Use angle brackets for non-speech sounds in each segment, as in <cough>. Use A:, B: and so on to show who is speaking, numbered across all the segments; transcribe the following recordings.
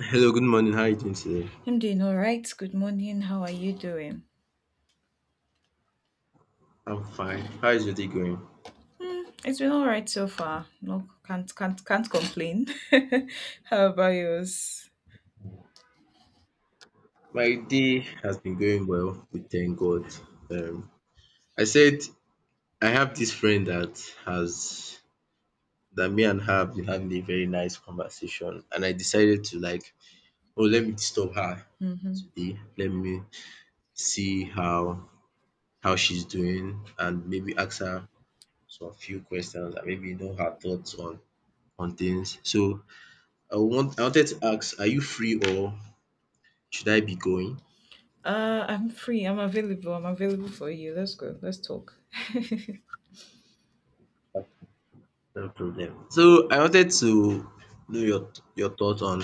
A: Hello, good morning. How are you doing today?
B: I'm doing all right. Good morning. How are you doing?
A: I'm fine. How is your day going?
B: It's been all right so far. No, can't complain. <laughs> How about yours?
A: My day has been going well, we thank God. Um, I said I have this friend that has that me and her have been having a very nice conversation, and I decided to oh, let me disturb her
B: Hmm.
A: today. Let me see how she's doing, and maybe ask her some few questions, and maybe know her thoughts on things. So I wanted to ask, are you free or should I be going?
B: I'm free. I'm available. I'm available for you. Let's go. Let's talk. <laughs>
A: No problem. So I wanted to know your thoughts on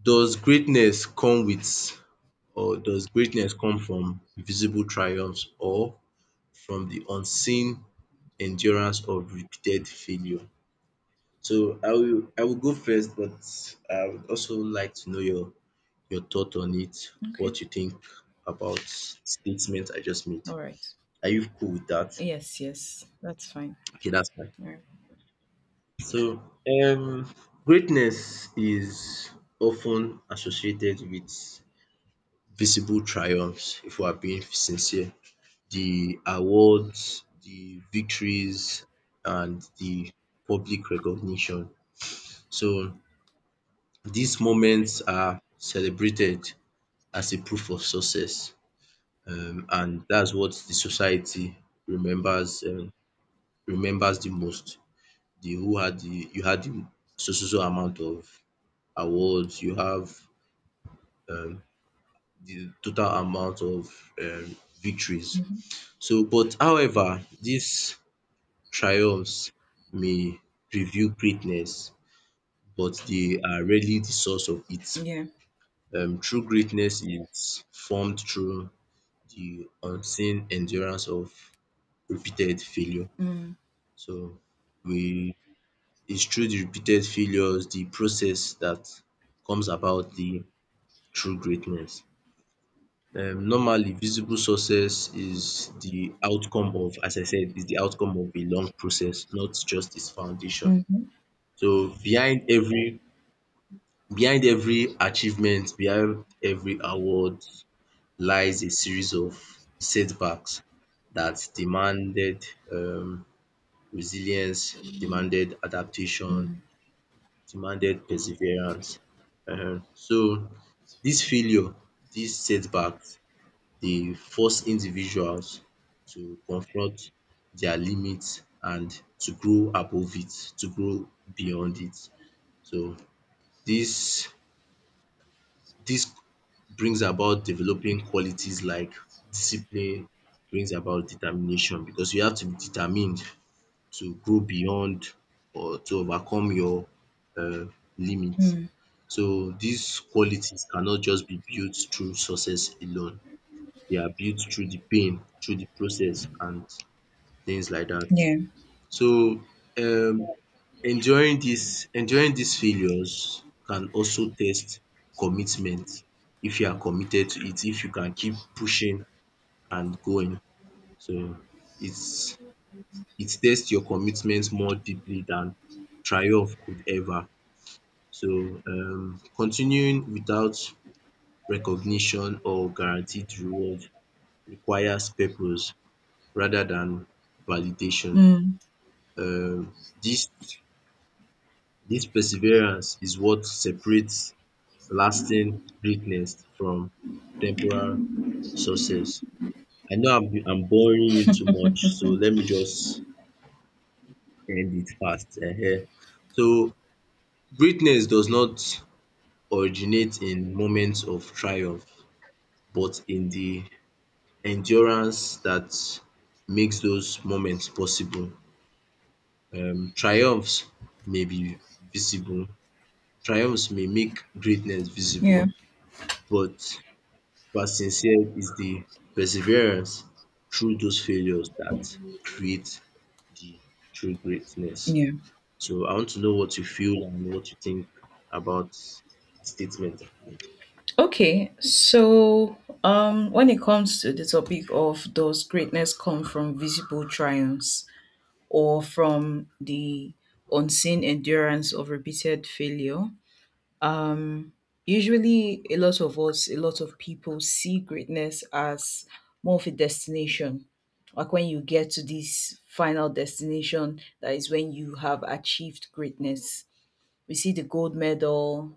A: does greatness come with does greatness come from visible triumphs or from the unseen endurance of repeated failure? So I will go first, but I would also like to know your thought on it,
B: Okay.
A: what you think about the statement I just made.
B: All right.
A: Are you cool with that?
B: Yes. Yes. That's fine.
A: Okay, that's fine.
B: All right.
A: So, um, greatness is often associated with visible triumphs, if we are being sincere. The awards, the victories and the public recognition. So, these moments are celebrated as a proof of success and that's what the society remembers remembers the most. The who had the you had the so so so amount of awards, you have um, the total amount of victories.
B: Mm-hmm.
A: But however, these triumphs may reveal greatness, but they are rarely the source of it.
B: Yeah.
A: True greatness is formed through the unseen endurance of repeated failure.
B: Mm-hmm.
A: So, we it's through the repeated failures, the process that comes about the true greatness. Normally visible success is the outcome of, as I said, is the outcome of a long process, not just its foundation.
B: Mm-hmm.
A: So behind every achievement, behind every award lies a series of setbacks that demanded um resilience, demanded adaptation,
B: Mm-hmm.
A: demanded perseverance. So this failure, these setbacks they force individuals to confront their limits and to grow above it, to grow beyond it. So this this brings about developing qualities like discipline, brings about determination because you have to be determined to grow beyond or to overcome your limit.
B: Mm.
A: So these qualities cannot just be built through success alone, they are built through the pain, through the process and things like that.
B: Yeah.
A: So um enduring dis failures can also test commitment if you are committed to it, if you can keep pushing and going. So it's it tests your commitment more deeply than triumph could ever. So continuing without recognition or guaranteed reward requires purpose rather than validation.
B: Mm.
A: Um, this this perseverance is what separates lasting greatness from temporal success. I know I'm boring you too much, so let me just end it fast. Ehen. So greatness does not originate in moments of triumph, but in the endurance that makes those moments possible. Um, triumphs may be visible, Triumphs may make greatness
B: Yeah.
A: visible, but what sincere is the perseverance through those failures that create the true greatness.
B: Yeah.
A: So I want to know what you feel and what you think about the statement that you made.
B: Okay, so when it comes to the topic of, does greatness come from visible triumphs or from the unseen endurance of repeated failure? Usually, a lot of people see greatness as more of a destination. Like when you get to this final destination, that is when you have achieved greatness. We see the gold medal,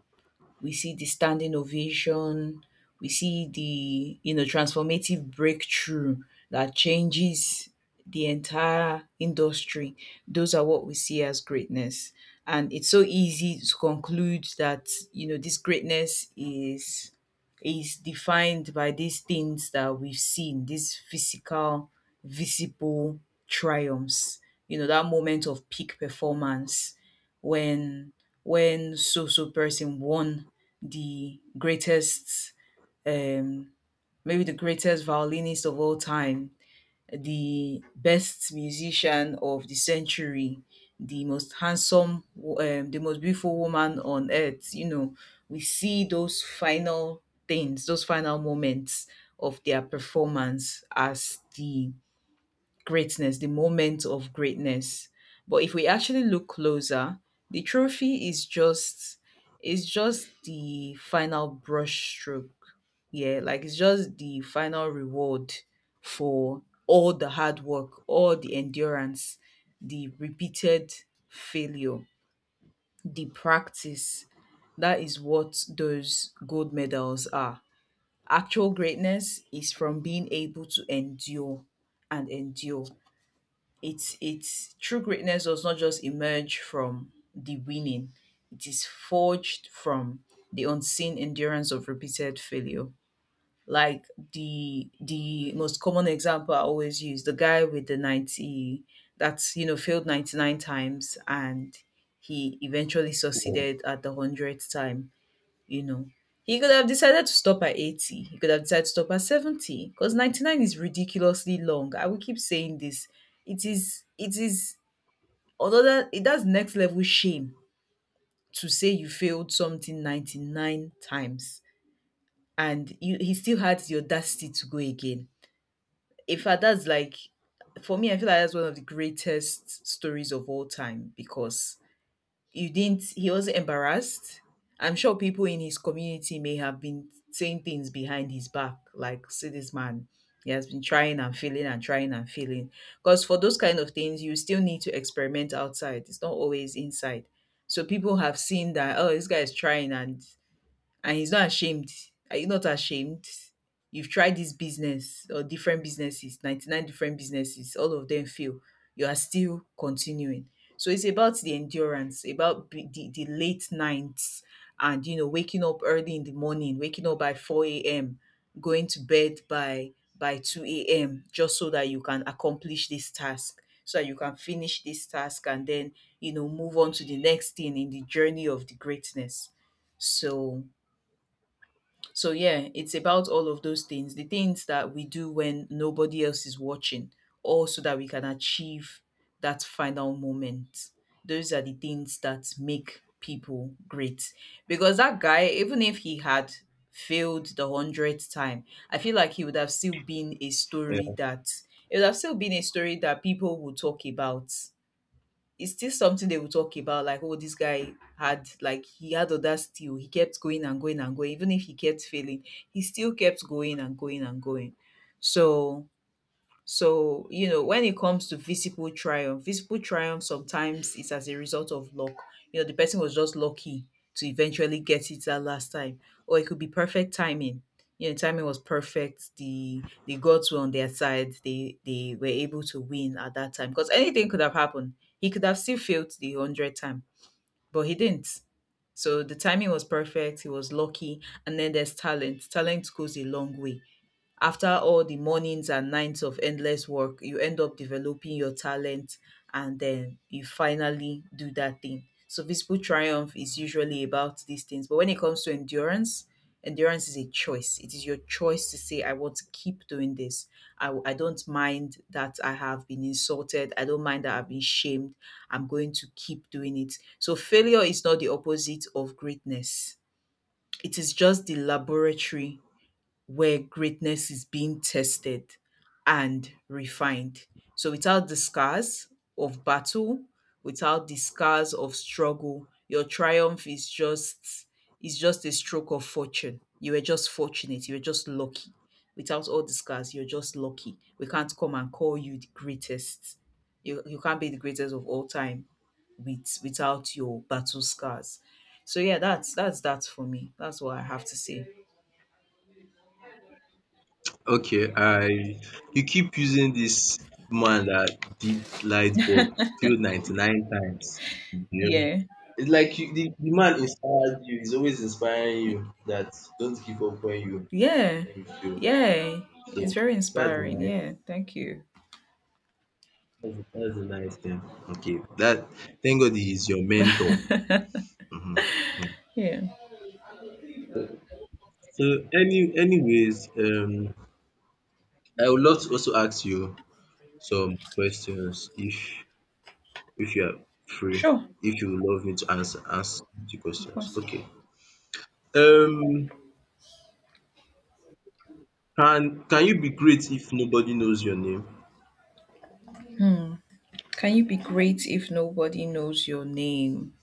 B: we see the standing ovation, we see the transformative breakthrough that changes the entire industry. Those are what we see as greatness. And it's so easy to conclude that, you know, this greatness is defined by these things that we've seen, these physical, visible triumphs, you know, that moment of peak performance when when so so person won the greatest, um maybe the greatest violinist of all time, the best musician of the century, the most handsome, the most beautiful woman on earth. We see those final things, those final moments of their performance as the greatness, the moment of greatness. But if we actually look closer, the trophy is just it's just the final brush stroke. Yeah, like it's just the final reward for all the hard work, all the endurance, the repeated failure, the practice. That is what those gold medals are. Actual greatness is from being able to endure and endure. It's true greatness does not just emerge from the winning, it is forged from the unseen endurance of repeated failure. Like the most common example I always use, the guy with the 90, that's, failed 99 times and he eventually
A: Yeah.
B: succeeded at the 100th time. You know, he could have decided to stop at 80. He could have decided to stop at 70 because 99 is ridiculously long. I will keep saying this. It is, although that it does next level shame to say you failed something 99 times. And he still had the audacity to go again. In fact, that's, like, for me, I feel like that's one of the greatest stories of all time because, you didn't he was embarrassed. I'm sure people in his community may have been saying things behind his back, like, see this man, he has been trying and failing and trying and failing, because for those kind of things you still need to experiment outside, it's not always inside. So people have seen that, oh, this guy is trying, and he's not ashamed. Are you not ashamed? You've tried this business, or different businesses, 99 different businesses, all of them fail. You are still continuing. So it's about the endurance, about the late nights and, you know, waking up early in the morning, waking up by 4 a.m., going to bed by 2 a.m. just so that you can accomplish this task, so that you can finish this task and then, you know, move on to the next thing in the journey of the greatness. So so yeah, it's about all of those things. The things that we do when nobody else is watching, or so that we can achieve that final moment. Those are the things that make people great. Because that guy, even if he had failed the 100th time, I feel like he would have still been a story that, it would have still been a story that people would talk about. It's still something they will talk about, like, oh, this guy had, like, he had audacity. Oh, he kept going and going and going. Even if he kept failing, he still kept going and going and going. So so, you know, when it comes to visible triumph sometimes is as a result of luck. You know, the person was just lucky to eventually get it that last time. Or it could be perfect timing. You know, timing was perfect. The gods were on their side. They were able to win at that time. Because anything could have happened. He could have still failed the hundred time, but he didn't. So the timing was perfect. He was lucky. And then there's talent. Talent goes a long way. After all the mornings and nights of endless work, you end up developing your talent, and then you finally do that thing. So visible triumph is usually about these things. But when it comes to endurance, endurance is a choice. It is your choice to say, I want to keep doing this. I don't mind that I have been insulted. I don't mind that I've been shamed. I'm going to keep doing it. So failure is not the opposite of greatness. It is just the laboratory where greatness is being tested and refined. So without the scars of battle, without the scars of struggle, your triumph is just a stroke of fortune. You were just fortunate, you were just lucky. Without all the scars, you're just lucky. We can't come and call you the greatest. You can't be the greatest of all time with, without your battle scars. So yeah, that's that for me. That's what I have to say.
A: Okay, I you keep using this man that did light bulb till 99 times. Yeah,
B: Yeah.
A: it's like you, the man inspired you, he's always inspiring you that don't give up when you
B: Yeah.
A: feel.
B: Yeah. It's
A: So
B: very
A: that's a
B: inspiring.
A: nice
B: Yeah. Thank you.
A: that's a nice thing. Okay. That Thank God he is your mentor.
B: <laughs>
A: Hmm.
B: Yeah.
A: So anyways, I would love to also ask you some questions if you are free,
B: Sure.
A: if you love me to answer ask the
B: Of
A: questions.
B: course.
A: Okay. Um can you be great if nobody knows your name?
B: Can you be great if nobody knows your name?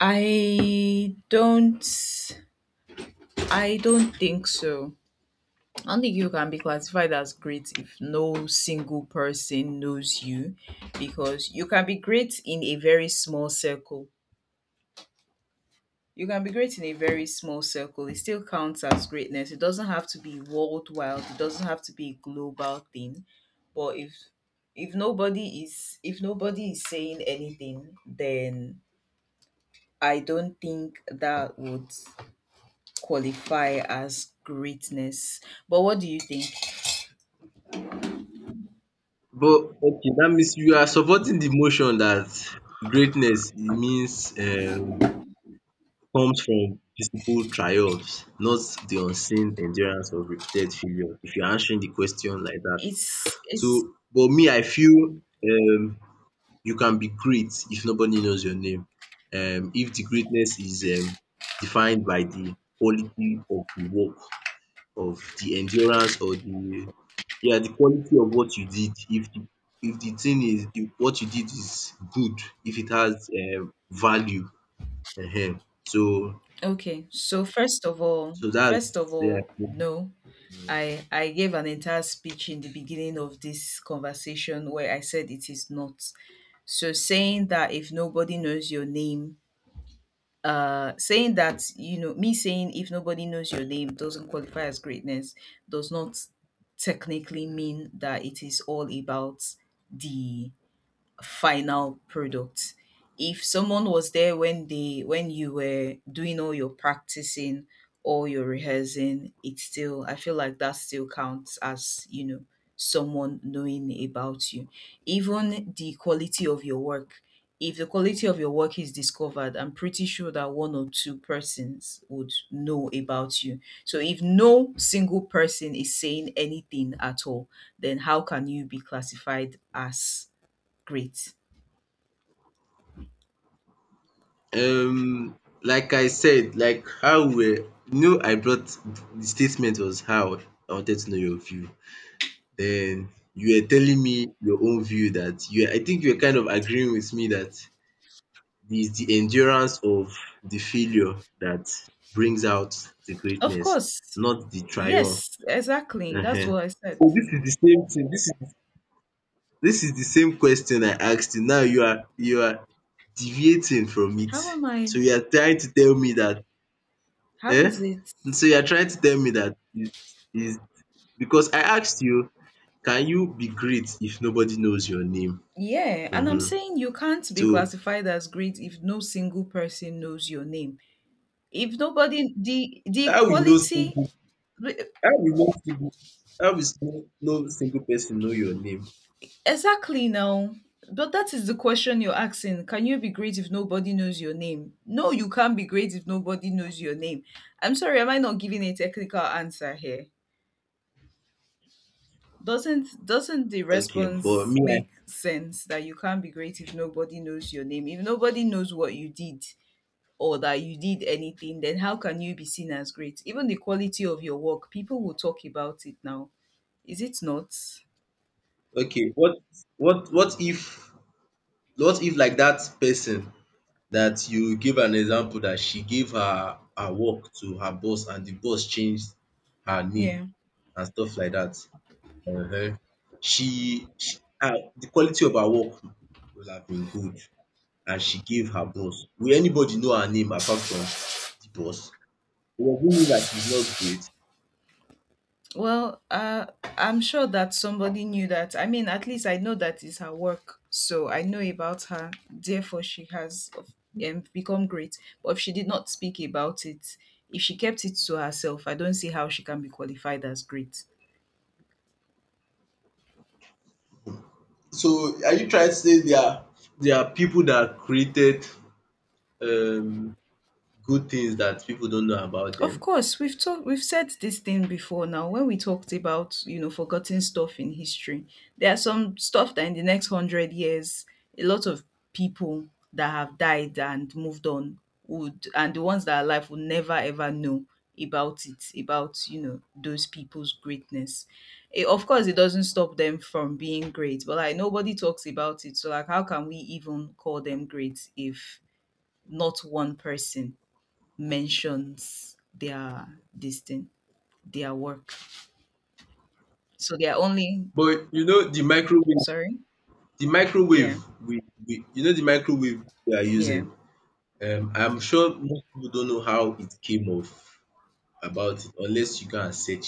B: I don't I don't think so. I don't think you can be classified as great if no single person knows you, because you can be great in a very small circle. You can be great in a very small circle. It still counts as greatness. It doesn't have to be worldwide. It doesn't have to be a global thing. But if nobody is saying anything, then I don't think that would qualify as greatness. But what do you think?
A: But okay, that means you are supporting the motion that greatness, it means comes from visible triumphs, not the unseen endurance of repeated failure. If you're answering the question like that. So
B: It's
A: but me I feel, um you can be great if nobody knows your name. If the greatness is, defined by the quality of the work, of the endurance or the, yeah, the quality of what you did. If the thing is, if what you did is good, if it has, value. um So
B: Okay, so,
A: so
B: first of
A: that's, yeah. I
B: all,
A: think,
B: no,
A: mm.
B: I gave an entire speech in the beginning of this conversation where I said it is not. So saying that if nobody knows your name, saying that, you know, me saying if nobody knows your name doesn't qualify as greatness does not technically mean that it is all about the final product. If someone was there when they when you were doing all your practicing, all your rehearsing, it's still, I feel like that still counts as, you know, someone knowing about you. Even the quality of your work. If the quality of your work is discovered, I'm pretty sure that one or two persons would know about you. So if no single person is saying anything at all, then how can you be classified as great?
A: Um, like I said, like how we were, you know, I brought, the statement was how I wanted to know your view. Then you were telling me your own view that you, I think, you were kind of agreeing with me that it's the endurance of the failure that brings out the
B: Of
A: greatness,
B: course.
A: not the triumph.
B: Yes, exactly. That's
A: Ehen.
B: what I said.
A: So this is the same thing. This is the same question I asked you. Now you are deviating from it.
B: How am
A: So
B: I?
A: you are trying to tell me that,
B: How
A: eh?
B: is it?
A: So you are trying to tell me that is it's because I asked you, can you be great if nobody knows your name?
B: Yeah, and I'm
A: Mhm.
B: saying you can't be
A: So
B: classified as great if no single person knows your name. If nobody, the
A: how we know
B: equality,
A: single how we know single how we know no single person know your name?
B: exactly now. But that is the question you're asking. Can you be great if nobody knows your name? No, you can't be great if nobody knows your name. I'm sorry, am I not giving a technical answer here? Doesn't the
A: Okay, but
B: response
A: me
B: make sense that you can't be great if nobody knows your name? If nobody knows what you did, or that you did anything, then how can you be seen as great? Even the quality of your work, people will talk about it now. Is it not?
A: I Okay, what what if, what if like that person that you give an example that she gave her work to her boss and the boss changed her name
B: Yeah.
A: and stuff like dat. um she her, the quality of her work will have been good and she gave her boss. Will anybody know her name apart from the boss? Does it, doesn't mean that she's not great?
B: Well, I'm sure that somebody knew that. I mean, at least I know that is her work, so I know about her. Therefore, she has, become great. But if she did not speak about it, if she kept it to herself, I don't see how she can be qualified as great.
A: So are you trying to say there are people that created um good things that people don't know about
B: Of
A: them?
B: course, we've said this thing before, now when we talked about, you know, forgotten stuff in history. There are some stuff that, in the next 100 years, a lot of people that have died and moved on would, and the ones that are alive would never ever know about it, about, you know, those people's greatness. Eh, of course, it doesn't stop them from being great, but like nobody talks about it. So like, how can we even call them great if not one person mentions their this thing, their work. So they're only,
A: But you know the microwave,
B: sorry.
A: the microwave
B: Yeah.
A: we, we you know the microwave we are using.
B: Yeah.
A: Um, I'm sure most people don't know how it came off, about it, unless you go and search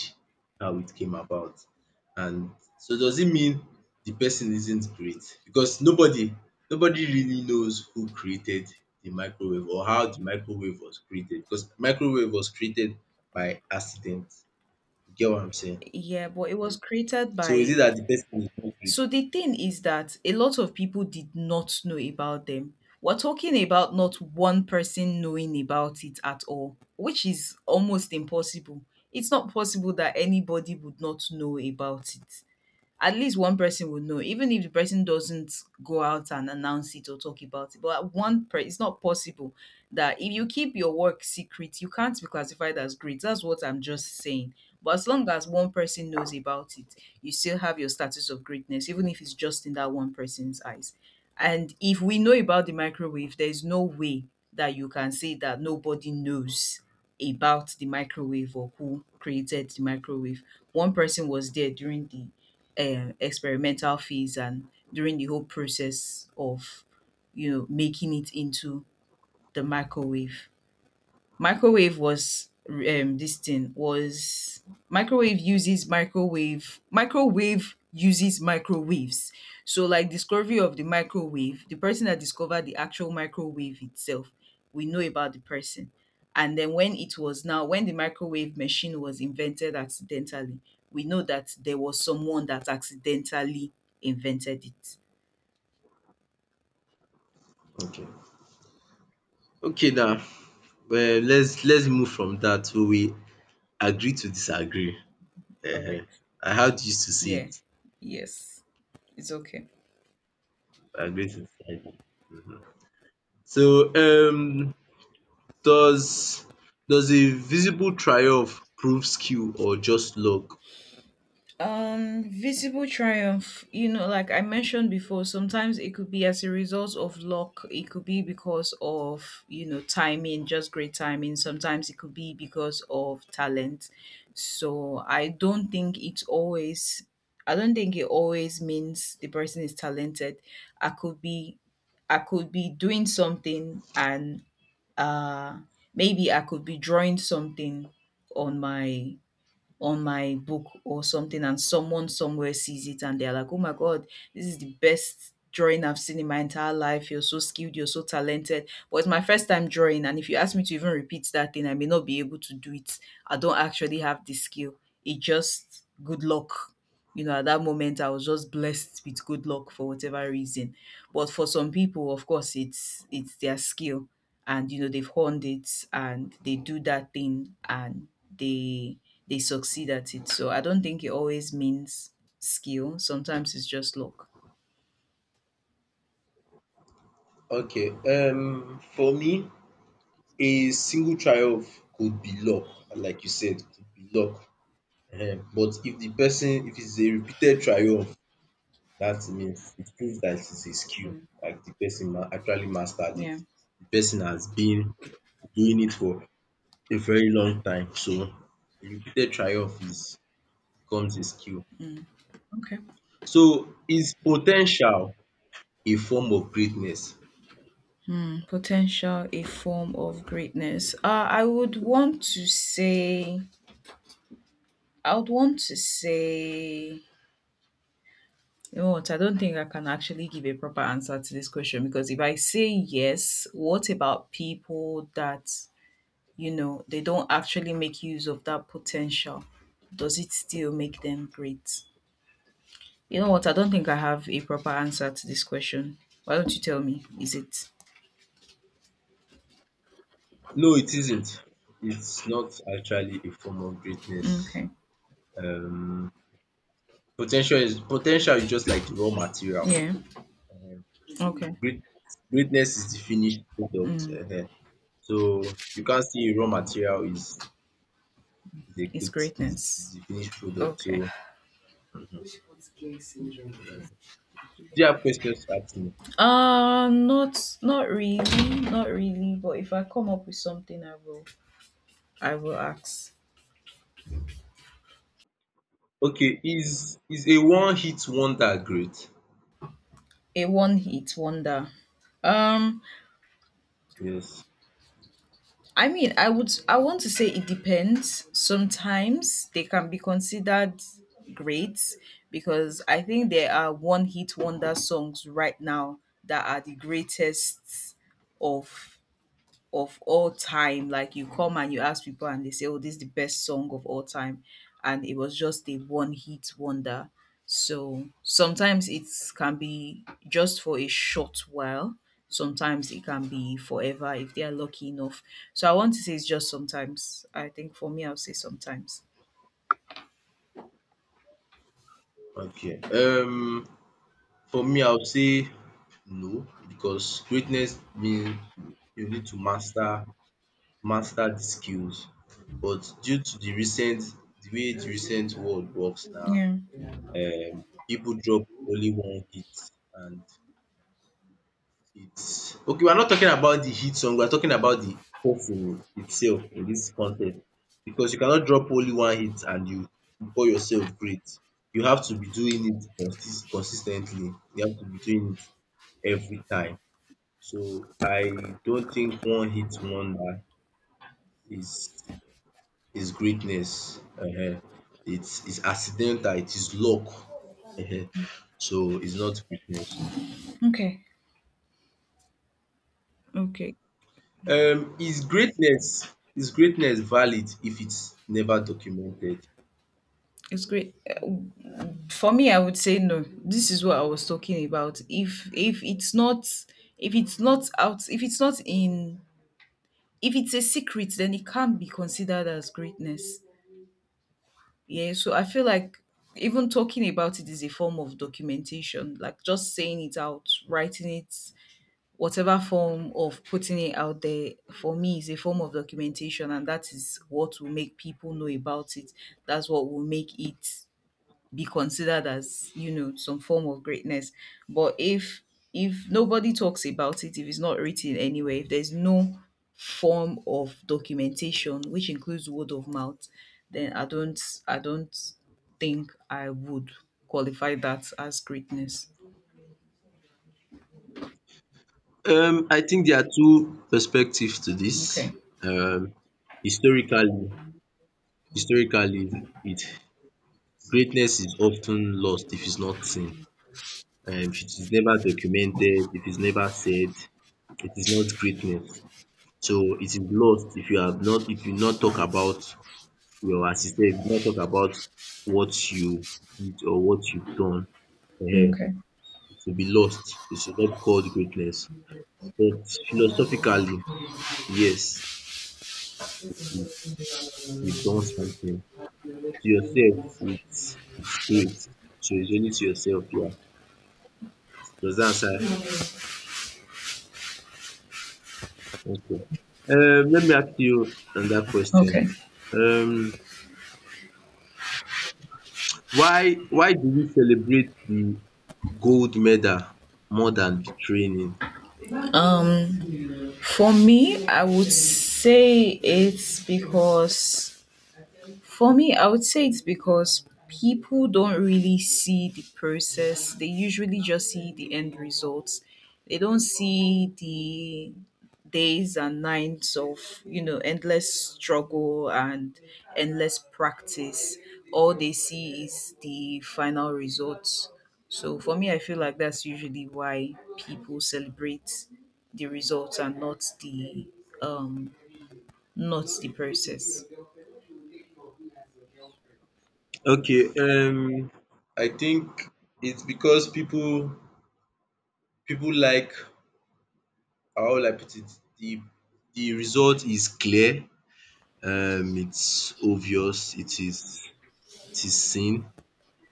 A: how it came about. And so does it mean the person isn't great? Because nobody really knows who created the microwave or how the microwave was created, because microwave was created by accident. You get what I'm saying?
B: Yeah, but it was created
A: So is it
B: by,
A: that the person is not great?
B: so the thing is that a lot of people did not know about them. We're talking about not one person knowing about it at all, which is almost impossible. It's not possible that anybody would not know about it. At least one person would know, even if the person doesn't go out and announce it or talk about it. But one person, it's not possible that if you keep your work secret, you can't be classified as great. That's what I'm just saying. But as long as one person knows about it, you still have your status of greatness, even if it's just in that one person's eyes. And if we know about the microwave, there's no way that you can say that nobody knows about the microwave or who created the microwave. One person was there during the experimental phase and during the whole process of making it into the microwave. Microwave was this thing was Microwave uses microwaves. So like discovery of the microwave, the person that discovered the actual microwave itself, we know about the person. And then when the microwave machine was invented accidentally, we know that there was someone that accidentally invented it.
A: Okay. Okay, now, let's move from that, so we agree to disagree.
B: All right.
A: um I had used to see
B: Yeah.
A: it.
B: Yes. It's okay.
A: Agree to disagree. So, does does a visible triumph prove skill or just luck?
B: Visible triumph, like I mentioned before, sometimes it could be as a result of luck, it could be because of, timing, just great timing. Sometimes it could be because of talent. So I don't think it always means the person is talented. I could be, I could be doing something and uh maybe I could be drawing something on my on my book or something, and someone somewhere sees it and they're like, oh my God, this is the best drawing I've seen in my entire life. You're so skilled, you're so talented. But it's my first time drawing. And if you ask me to even repeat that thing, I may not be able to do it. I don't actually have the skill. It just good luck. You know, at that moment, I was just blessed with good luck for whatever reason. But for some people, of course, it's their skill, and you know they've honed it and they do that thing, and they they succeed at it. So I don't think it always means skill. Sometimes it's just luck.
A: Okay, for me, a single triumph could be luck, and like you said, could be luck. Ehen. But if the person, if it's a repeated triumph, that means it proves that it's a skill,
B: Mm.
A: like the person actually mastered it.
B: Yeah.
A: The person has been doing it for a very long time, so a repeated triumph is becomes a skill.
B: Okay.
A: So is potential a form of greatness?
B: Potential a form of greatness? I would want to say, you know what, I don't think I can actually give a proper answer to this question. Because if I say yes, what about people that they don't actually make use of that potential? Does it still make them great? You know what, I don't think I have a proper answer to this question. Why don't you tell me? Is it?
A: No, it isn't. It's not actually a form of greatness.
B: Okay.
A: Um, po is potential is just like the raw material.
B: Yeah. Okay.
A: Great Greatness is the finished product. So you can't see, raw material is the
B: It's
A: good, is
B: greatness.
A: the finished product.
B: Okay.
A: So um do you have questions to ask me?
B: Not really, not really, but if I come up with something, I will ask.
A: Okay, is a one hit wonder great?
B: A one hit wonder. um
A: Yes.
B: I mean, I want to say it depends. Sometimes they can be considered great, because I think there are one hit wonder songs right now that are the greatest of of all time. Like you come and you ask people and they say, oh, this is the best song of all time. And it was just a one hit wonder. So sometimes it can be just for a short while. Sometimes it can be forever if they are lucky enough. So I want to say it's just sometimes. I think for me, I'll say sometimes.
A: Okay. Um, for me, I would say no, because greatness means you need to master the skills. But due to the way the recent world works now,
B: Yeah.
A: people drop only one hit and, it's okay, we're not talking about the hit song, we're talking about the perform itself in this context. Because you cannot drop only one hit and you call yourself great. You have to be doing it consistently. You have to be doing it every time. So I don't think one hit wonder is is greatness. um It's accidental, it is luck. um
B: Okay.
A: So it's not greatness.
B: Okay. Okay.
A: Um is greatness is greatness valid if it's never documented?
B: It's great. Uh, For me, I would say no. This is what I was talking about. If it's not if it's not out, if it's not in, if it's a secret, then it can't be considered as greatness. Yeah. So I feel like even talking about it is a form of documentation. Like just saying it out, writing it, whatever form of putting it out there for me is a form of documentation, and that is what will make people know about it. That's what will make it be considered as some form of greatness. But if nobody talks about it, if it's not written anywhere, if there's no form of documentation which includes word of mouth, then I don't think I would qualify that as greatness.
A: Um, I think there are two perspectives to this.
B: Okay.
A: Um, historically historically it greatness is often lost if it's not seen. Um, if it is never documented, if it's never said, it is not greatness. So it is lost if you have not, if you not talk about your assisted, if you not talk about what you did or what you've done, um
B: Okay.
A: it will be lost. It should not be called greatness. But philosophically, yes, you you've done something. To yourself, it's great. So it's only to yourself, yeah. Does that answer? Okay. Um, let me ask you another question.
B: Okay.
A: Um, why do we celebrate the gold medal more than the training?
B: for me i would say it's because For me, I would say it's because people don't really see the process. They usually just see the end results. They don't see the days and nights of, endless struggle and endless practice. All they see is the final results. So for me, I feel like that's usually why people celebrate the results and um not the process.
A: Okay, I think it's because people like, how will I put it, di di result is clear, it's obvious, it is seen,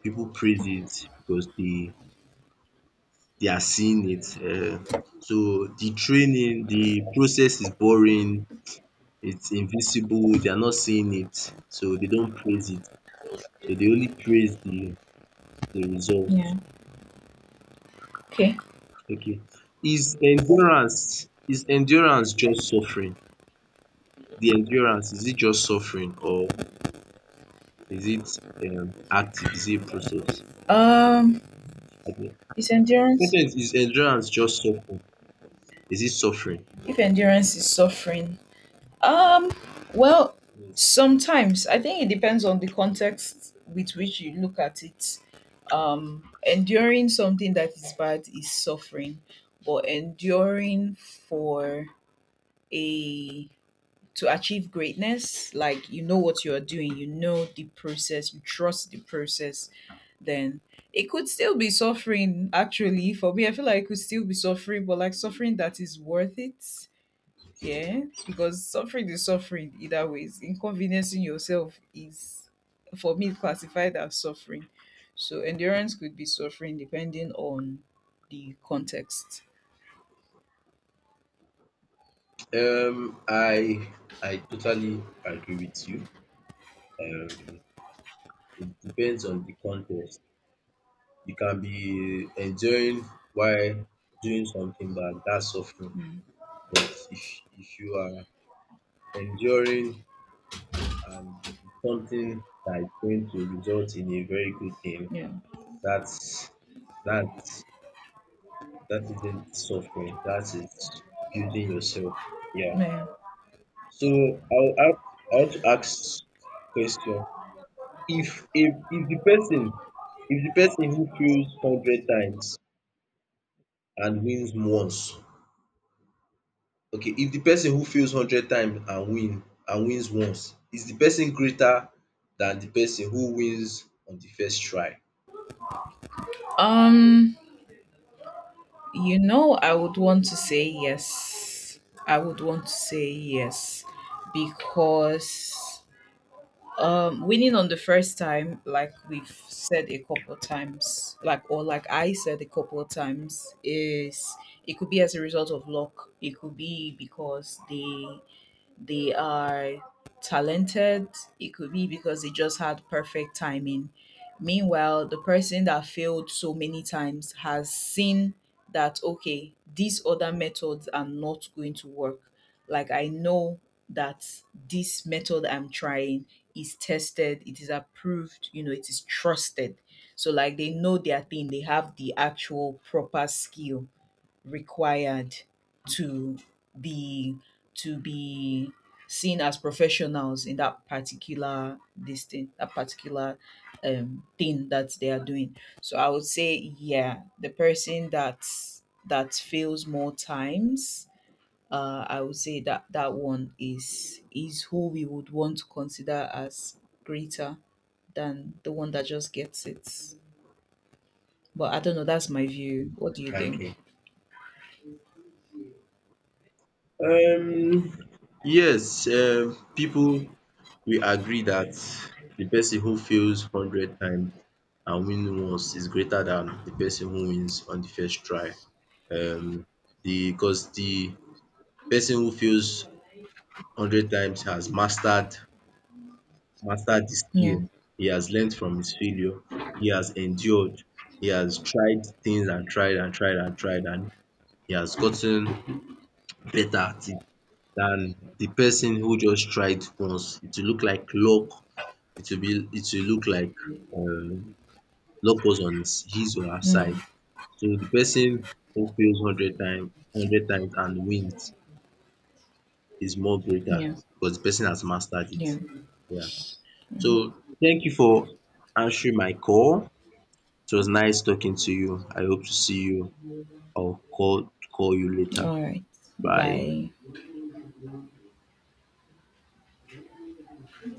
A: people praise it because they are seeing it. So the training, the process is boring, it's invisible, they are not seeing it, so they don't praise it. So they only praise the result.
B: Yeah. Okay.
A: Okay. Is endurance just suffering? The endurance, is it just suffering or is it active? Is it a process?
B: Um,
A: I think.
B: is endurance
A: Sometimes is endurance just suffering? Is it suffering?
B: if endurance is suffering? Um, well,
A: Yes.
B: sometimes I think it depends on the context with which you look at it. Enduring something that is bad is suffering, but enduring for a to achieve greatness, like, you know what you are doing, you know the process, you trust the process, then it could still be suffering. Actually, for me, I feel like it could still be suffering, but like suffering that is worth it. Yeah. Because suffering is suffering either ways. Inconveniencing yourself is for me classified as suffering. So endurance could be suffering depending on the context.
A: Um, I I totally agree with you. Um, it depends on the context. You can be enjoying while doing something bad, that's suffering. But if you are enduring and it's something that is going to result in a very good thing,
B: Yeah.
A: that's that that isn't suffering. That is building yourself. Yeah.
B: Yeah.
A: So I want to ask question. If the person, who feels hundred times and wins once, okay, if the person who fails hundred times and wins once, is the person greater than the person who wins on the first try?
B: Um you know, I would want to say yes. I would want to say yes, because winning on the first time, like we've said a couple of times, like, or like I said a couple of times, is, it could be as a result of luck. It could be because they are talented. It could be because they just had perfect timing. Meanwhile, the person that failed so many times has seen that, okay, these other methods are not going to work. Like, I know that this method I'm trying is tested, it is approved, it is trusted. So, like, they know their thing, they have the actual proper skill required to be to be seen as professionals in that particular thing that they are doing. So I would say, yeah, the person that fails more times, I would say that that one is who we would want to consider as greater than the one that just gets it. But I don't know. That's my view. What do you
A: Okay.
B: think?
A: Um, yes, um, people will agree that the person who fails hundred times and win once is greater than the person who wins on the first try. Um, the cause the person who fails hundred times has mastered the skill,
B: Yeah.
A: he has learned from his failure, he has endured, he has tried things and tried and he has gotten better at it than the person who just tried once. It will look like luck, it will look like um luck was on his or her side.
B: Mm,
A: So the person who fails hundred times, and wins is more greater
B: yeah.
A: because the person has mastered it.
B: Yeah.
A: Yeah. So thank you for answering my call. It was nice talking to you. I hope to see you or call you later.
B: All right.
A: Bye.
B: Bye.